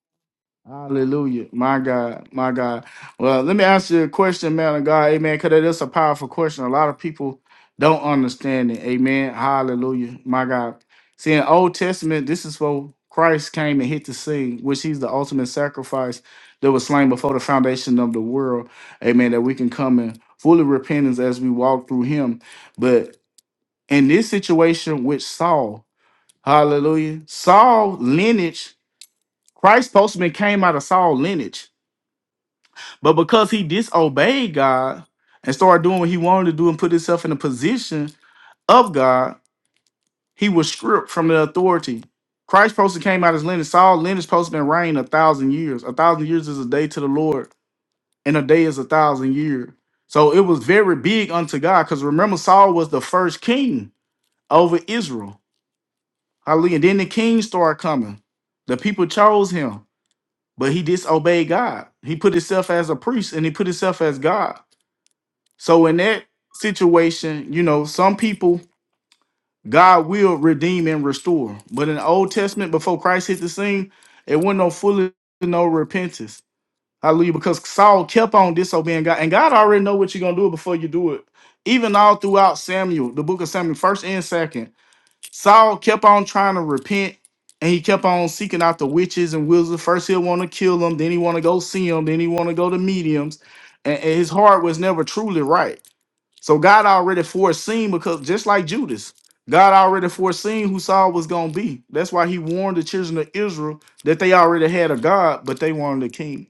Speaker 1: Hallelujah. My God. My God. Well, let me ask you a question, man of God. Amen. Because it is a powerful question. A lot of people don't understand it. Amen. Hallelujah. My God. See, in Old Testament, this is where Christ came and hit the scene, which he's the ultimate sacrifice that was slain before the foundation of the world. Amen. That we can come in fully repentance as we walk through him. But in this situation with Saul, hallelujah, Saul lineage, Christ's postman came out of Saul lineage. But because he disobeyed God and started doing what he wanted to do and put himself in the position of God, he was stripped from the authority. Christ supposed to came out as lineage. Saul lineage supposed to been reigning a thousand years. A thousand years is a day to the Lord, and a day is a thousand years. So it was very big unto God. Because remember, Saul was the first king over Israel. Hallelujah. And then the kings started coming. The people chose him, but he disobeyed God. He put himself as a priest and he put himself as God. So in that situation, you know, some people God will redeem and restore. But in the Old Testament, before Christ hit the scene, it wasn't no fully no repentance. Hallelujah. Because Saul kept on disobeying God. And God already know what you're gonna do before you do it. Even all throughout Samuel, the book of Samuel, first and second, Saul kept on trying to repent. And he kept on seeking out the witches and wizards. First he'll want to kill them, then he want to go see them, then he want to go to mediums. And and his heart was never truly right. So God already foreseen because just like Judas, God already foreseen who Saul was gonna be. That's why he warned the children of Israel that they already had a God, but they wanted a king.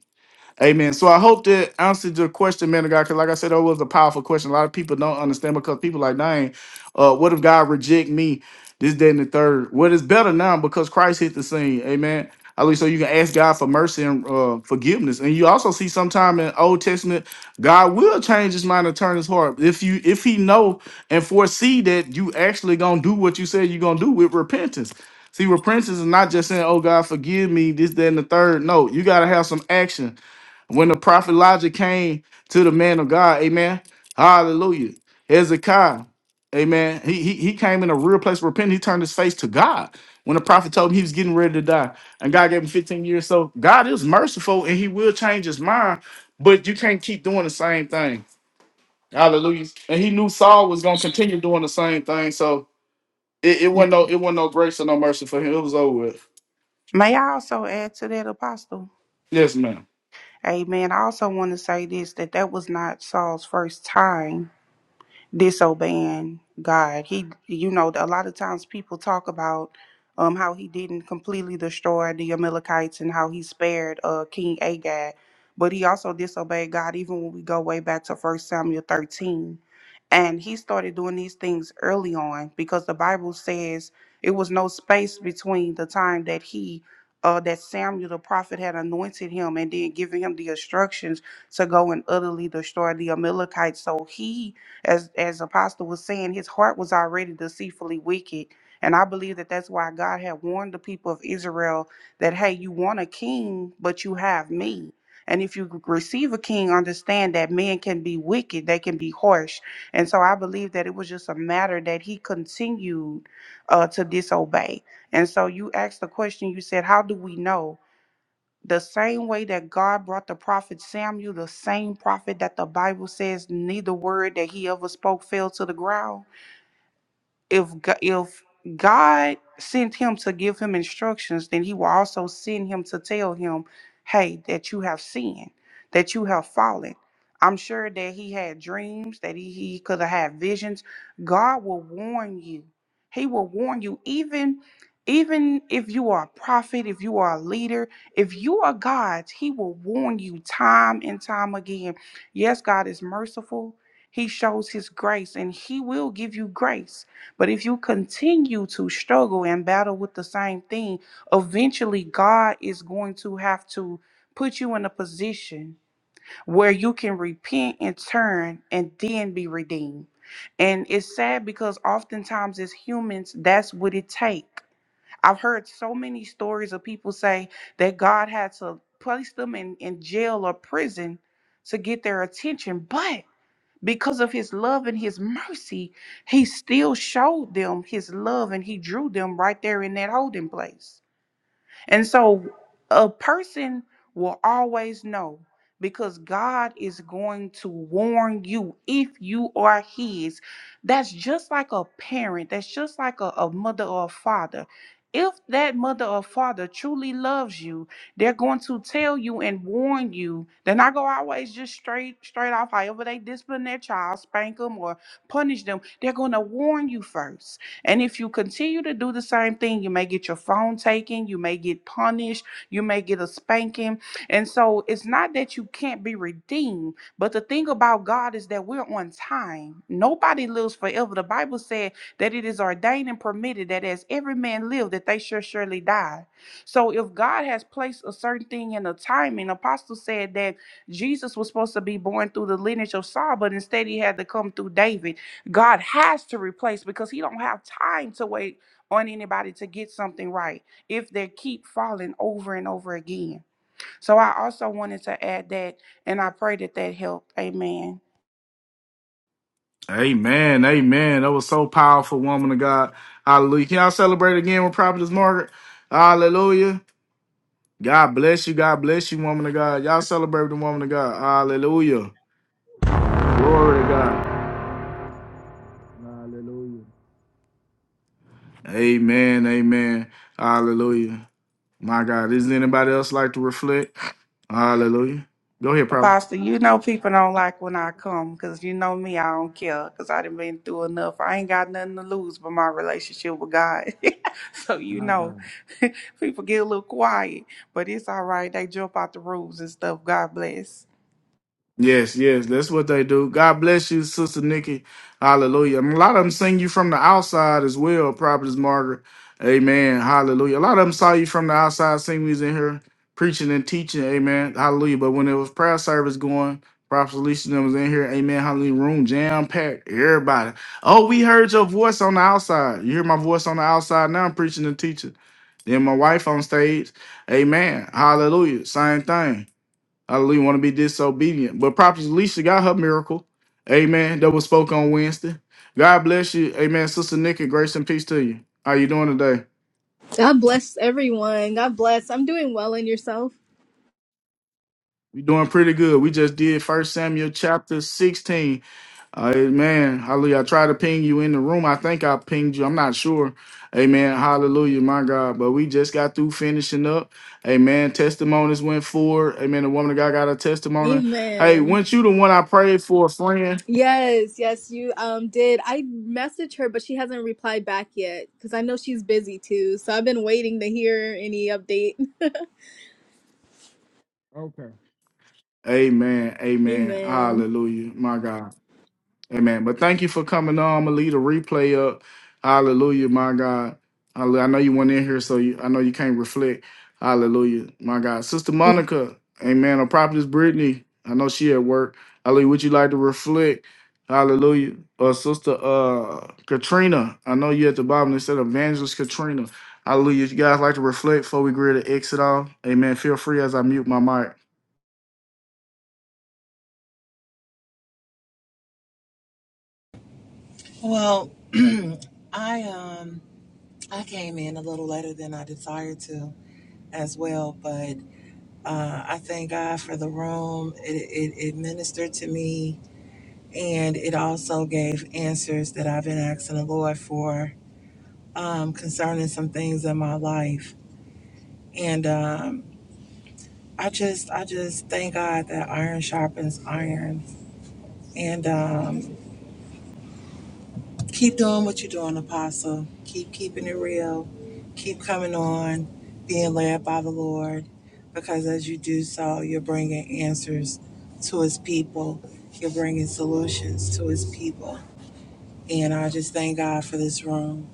Speaker 1: Amen. So I hope that answered your question, man of God. Because like I said, that was a powerful question. A lot of people don't understand because people like, dang, uh, what if God reject me this day and the third? Well, it's better now because Christ hit the scene. Amen. At least so you can ask God for mercy and uh, forgiveness. And you also see sometime in Old Testament, God will change his mind and turn his heart. If you if he know and foresee that you actually gonna do what you said you're gonna do with repentance. See, repentance is not just saying, oh God, forgive me, this, that, and the third. No, you gotta have some action. When the prophet Elijah came to the man of God, amen. Hallelujah. Hezekiah, amen. He, he, he came in a real place of repentance. He turned his face to God. When the prophet told him he was getting ready to die, and God gave him 15 years. So God is merciful and he will change his mind, but you can't keep doing the same thing. Hallelujah. And he knew Saul was gonna continue doing the same thing. So it, it wasn't no it wasn't no grace or no mercy for him. It was over with.
Speaker 2: May I also add to that, Apostle?
Speaker 1: Yes, ma'am.
Speaker 2: Amen. I also want to say this that that was not Saul's first time disobeying God. He, you know, a lot of times people talk about um, how he didn't completely destroy the Amalekites and how he spared uh, King Agag, but he also disobeyed God. Even when we go way back to First Samuel thirteen, and he started doing these things early on because the Bible says it was no space between the time that he. Uh, that Samuel the prophet had anointed him and then giving him the instructions to go and utterly destroy the Amalekites. So he as as apostle was saying his heart was already deceitfully wicked and i believe that that's why god had warned the people of israel that hey you want a king but you have me and if you receive a king understand that men can be wicked they can be harsh and so i believe that it was just a matter that he continued uh, to disobey and so you asked the question you said how do we know the same way that God brought the prophet Samuel, the same prophet that the Bible says neither word that he ever spoke fell to the ground if Go- if God sent him to give him instructions, then he will also send him to tell him, "Hey, that you have sinned, that you have fallen." I'm sure that he had dreams, that he, he could have had visions. God will warn you. He will warn you, even even if you are a prophet, if you are a leader, if you are God's, He will warn you time and time again. Yes, God is merciful. He shows His grace, and He will give you grace but if you continue to struggle and battle with the same thing, eventually God is going to have to put you in a position where you can repent and turn and then be redeemed. And it's sad because oftentimes as humans, that's what it takes. I've heard so many stories of people say that God had to place them in, in jail or prison to get their attention. But because of his love and his mercy, he still showed them his love and he drew them right there in that holding place. And so a person will always know because God is going to warn you if you are His. That's just like a parent, that's just like a, a mother or a father. If that mother or father truly loves you, they're going to tell you and warn you. They're not going to always just straight straight off, however they discipline their child, spank them or punish them. They're going to warn you first and if you continue to do the same thing, you may get your phone taken, you may get punished, you may get a spanking. And so it's not that you can't be redeemed, but the thing about God is that we're on time. Nobody lives forever. The Bible said that it is ordained and permitted that as every man live, that they shall surely die. So if God has placed a certain thing in a timing, Apostle said that Jesus was supposed to be born through the lineage of Saul, but instead he had to come through David. God has to replace because he don't have time to wait on anybody to get something right if they keep falling over and over again. So I also wanted to add that and I pray that that helped. Amen.
Speaker 1: Amen. Amen. That was so powerful, woman of God. Hallelujah. Can y'all celebrate again with Prophetess Margaret? Hallelujah. God bless you. God bless you, woman of God. Y'all celebrate with the woman of God. Hallelujah. Glory to God. Hallelujah. Amen. Amen. Hallelujah. My God. Isn't anybody else like to reflect? Hallelujah. Go ahead, Prophet.
Speaker 2: Apostle, you know people don't like when I come because you know me, I don't care because I done been through enough. I ain't got nothing to lose but my relationship with God. (laughs) so you know, (laughs) people get a little quiet, but it's all right. They jump out the roofs and stuff. God bless.
Speaker 1: Yes, yes, that's what they do. God bless you, Sister Nikki. Hallelujah. And a lot of them sing you from the outside as well, Prophetess Margaret. Amen. Hallelujah. A lot of them saw you from the outside, sing we was in here preaching and teaching. Amen. Hallelujah. But when it was prayer service going, Prophet Alicia and them was in here. Amen. Hallelujah. Room jam packed. Everybody. Oh, we heard your voice on the outside. You hear my voice on the outside now. I'm preaching and teaching. Then my wife on stage. Amen. Hallelujah. Same thing. I don't really want to be disobedient. But Prophet Alicia got her miracle. Amen. That was spoke on Wednesday. God bless you. Amen. Sister Nikki, grace and peace to you. How you doing today?
Speaker 6: God bless everyone. God bless. I'm doing well in yourself.
Speaker 1: We doing pretty good. We just did First Samuel chapter 16. Uh, amen. Hallelujah. I tried to ping you in the room. I think I pinged you. I'm not sure. Amen. Hallelujah, my God. But we just got through finishing up. Amen. Testimonies went forward. Amen. The woman of God got a testimony. Hey,
Speaker 6: Amen.
Speaker 1: weren't you the one I prayed for a friend?
Speaker 6: Yes, yes, you um did. I messaged her, but she hasn't replied back yet because I know she's busy too. So I've been waiting to hear any update.
Speaker 1: Amen. Amen.
Speaker 6: Amen.
Speaker 1: Hallelujah. My God. Amen. But thank you for coming on. I'm gonna leave the replay up. Hallelujah, my God. Hallelujah. I know you went in here, so you, I know you can't reflect. Hallelujah, my God. Sister Monica, Amen. Or Prophetess Brittany, I know she at work. Hallelujah. Would you like to reflect? Hallelujah. Or Sister uh, Katrina, I know you at the bottom. They said Evangelist Katrina. Hallelujah. If you guys like to reflect before we agree to exit off, Amen. Feel free as I mute my mic.
Speaker 4: Well, (clears throat) I um I came in a little later than I desired to as well, but uh, I thank God for the room. It, it it ministered to me, and it also gave answers that I've been asking the Lord for um, concerning some things in my life. And um, I just I just thank God that iron sharpens iron, and um, Keep doing what you're doing, Apostle. Keep keeping it real. Keep coming on, being led by the Lord, because as you do so, you're bringing answers to His people. You're bringing solutions to His people. And I just thank God for this room.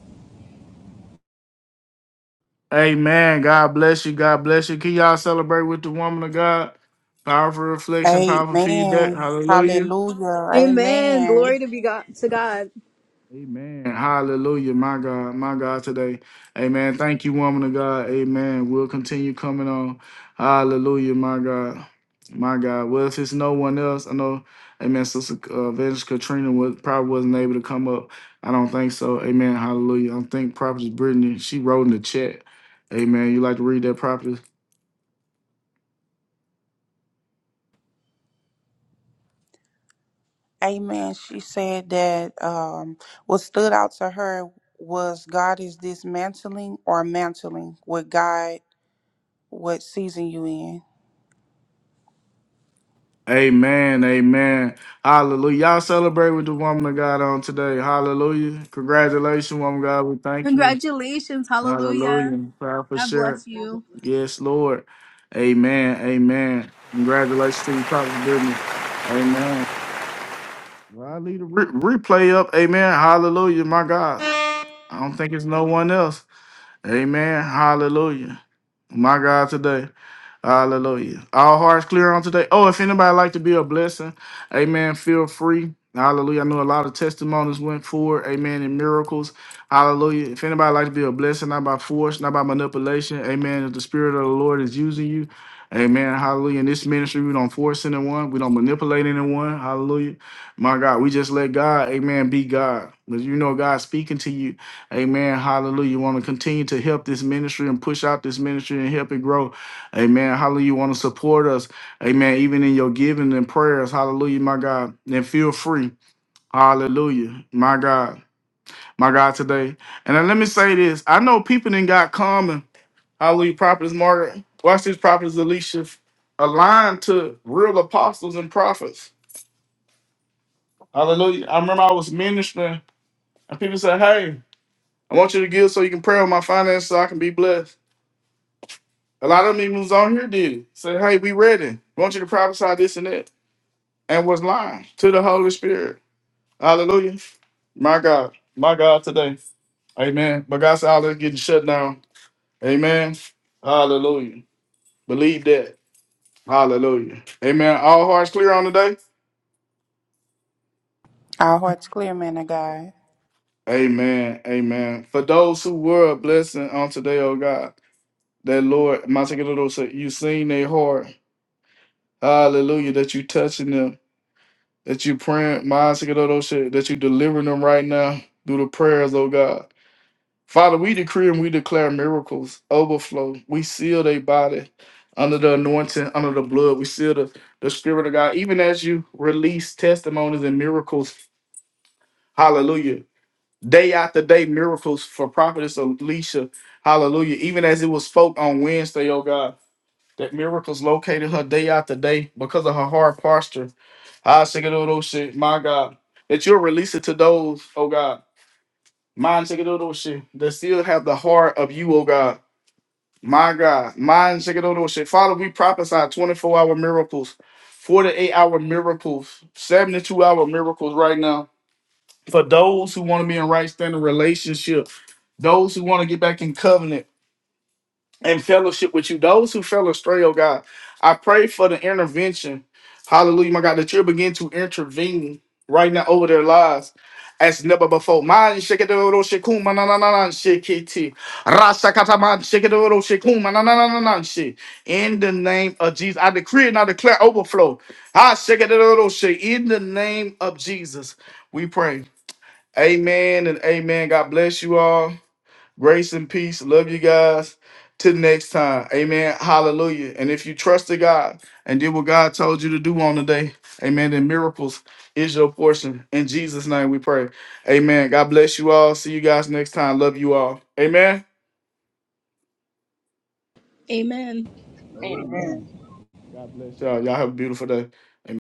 Speaker 1: Amen. God bless you. God bless you. Can y'all celebrate with the woman of God? Powerful reflection, powerful feedback.
Speaker 2: Amen.
Speaker 1: Hallelujah.
Speaker 2: Hallelujah.
Speaker 6: Amen.
Speaker 2: Amen.
Speaker 6: Glory to be God to God.
Speaker 1: Amen. Hallelujah. My God, my God today. Amen. Thank you, woman of God. Amen. We'll continue coming on. Hallelujah, my God. My God. Well, if it's no one else, I know, amen, Sister uh, Evangelist Katrina was, probably wasn't able to come up. I don't think so. Amen. Hallelujah. I think Prophetess Brittany, she wrote in the chat. Amen. You like to read that, Prophet?
Speaker 2: Amen. She said that um, what stood out to her was God is dismantling or mantling with God, what season you in.
Speaker 1: Amen. Amen. Hallelujah. Y'all celebrate with the woman of God on today. Hallelujah. Congratulations, woman of God. We thank you.
Speaker 6: Congratulations. Hallelujah.
Speaker 1: Hallelujah. Proud for
Speaker 6: God
Speaker 1: sure.
Speaker 6: bless you.
Speaker 1: Yes, Lord. Amen. Amen. Congratulations to you, Prophet Goodness. Amen. Well, I leave the re- replay up. Amen. Hallelujah. My God. I don't think it's no one else. Amen. Hallelujah. My God today. Hallelujah. All hearts clear on today. Oh, if anybody like to be a blessing, amen, feel free. Hallelujah. I know a lot of testimonies went forward. Amen. And miracles. Hallelujah. If anybody like to be a blessing, not by force, not by manipulation. Amen. If the spirit of the Lord is using you. Amen. Hallelujah. In this ministry, we don't force anyone. We don't manipulate anyone. Hallelujah. My God, we just let God, amen, be God. Because you know God's speaking to you. Amen. Hallelujah. You want to continue to help this ministry and push out this ministry and help it grow. Amen. Hallelujah. You want to support us. Amen. Even in your giving and prayers. Hallelujah, my God. And feel free. Hallelujah. My God. My God today. And then let me say this. I know people didn't got common. Hallelujah. Prophets Margaret. Watch these prophets Alicia. Aligned to real apostles and prophets. Hallelujah. I remember I was ministering and people said, Hey, I want you to give so you can pray on my finances so I can be blessed. A lot of them even was on here did. it. Said, Hey, we ready. I want you to prophesy this and that. and was lying to the Holy Spirit. Hallelujah. My God. My God today. Amen. But God's all that's getting shut down. Amen. Hallelujah. Believe that. Hallelujah. Amen. All hearts clear on today?
Speaker 2: Our hearts clear, man of God.
Speaker 1: Amen. Amen. For those who were a blessing on today, oh God, that Lord, my second little said, you seen their heart. Hallelujah. That you touching them. That you praying, my second little shit, that you delivering them right now through the prayers, oh God. Father, we decree and we declare miracles, overflow. We seal their body under the anointing, under the blood. We seal the, the Spirit of God. Even as you release testimonies and miracles, hallelujah. Day after day, miracles for Prophetess Alicia, hallelujah. Even as it was spoke on Wednesday, oh God, that miracles located her day after day because of her hard posture. I shake it all shit, my God. That you'll release it to those, oh God, mind shake it all shit, that still have the heart of you, oh God my God, mine Shigadono shit. Father, we prophesy 24 hour miracles, 48 hour miracles, 72 hour miracles right now. For those who want to be in right standing relationship, those who want to get back in covenant, and fellowship with you. Those who fell astray, oh God, I pray for the intervention. Hallelujah, my God, that you begin to intervene right now over their lives. As never before. Man, shake it, oh, shake, cool, man, na, na, na, na, shake it, tee. Rasa kata, man, shake it, oh, shake, cool, man, na, na, na, na, na, shake. In the name of Jesus, I decree and I declare overflow. I shake it, oh, shake. In the name of Jesus, we pray. Amen and amen. God bless you all. Grace and peace. Love you guys. Till next time. Amen. Hallelujah. And if you trust to God and did what God told you to do on the day, amen, then miracles is your portion. In Jesus' name we pray. Amen. God bless you all. See you guys next time. Love you all. Amen.
Speaker 6: Amen.
Speaker 3: Amen.
Speaker 1: Amen. God bless y'all. Y'all have a beautiful day. Amen.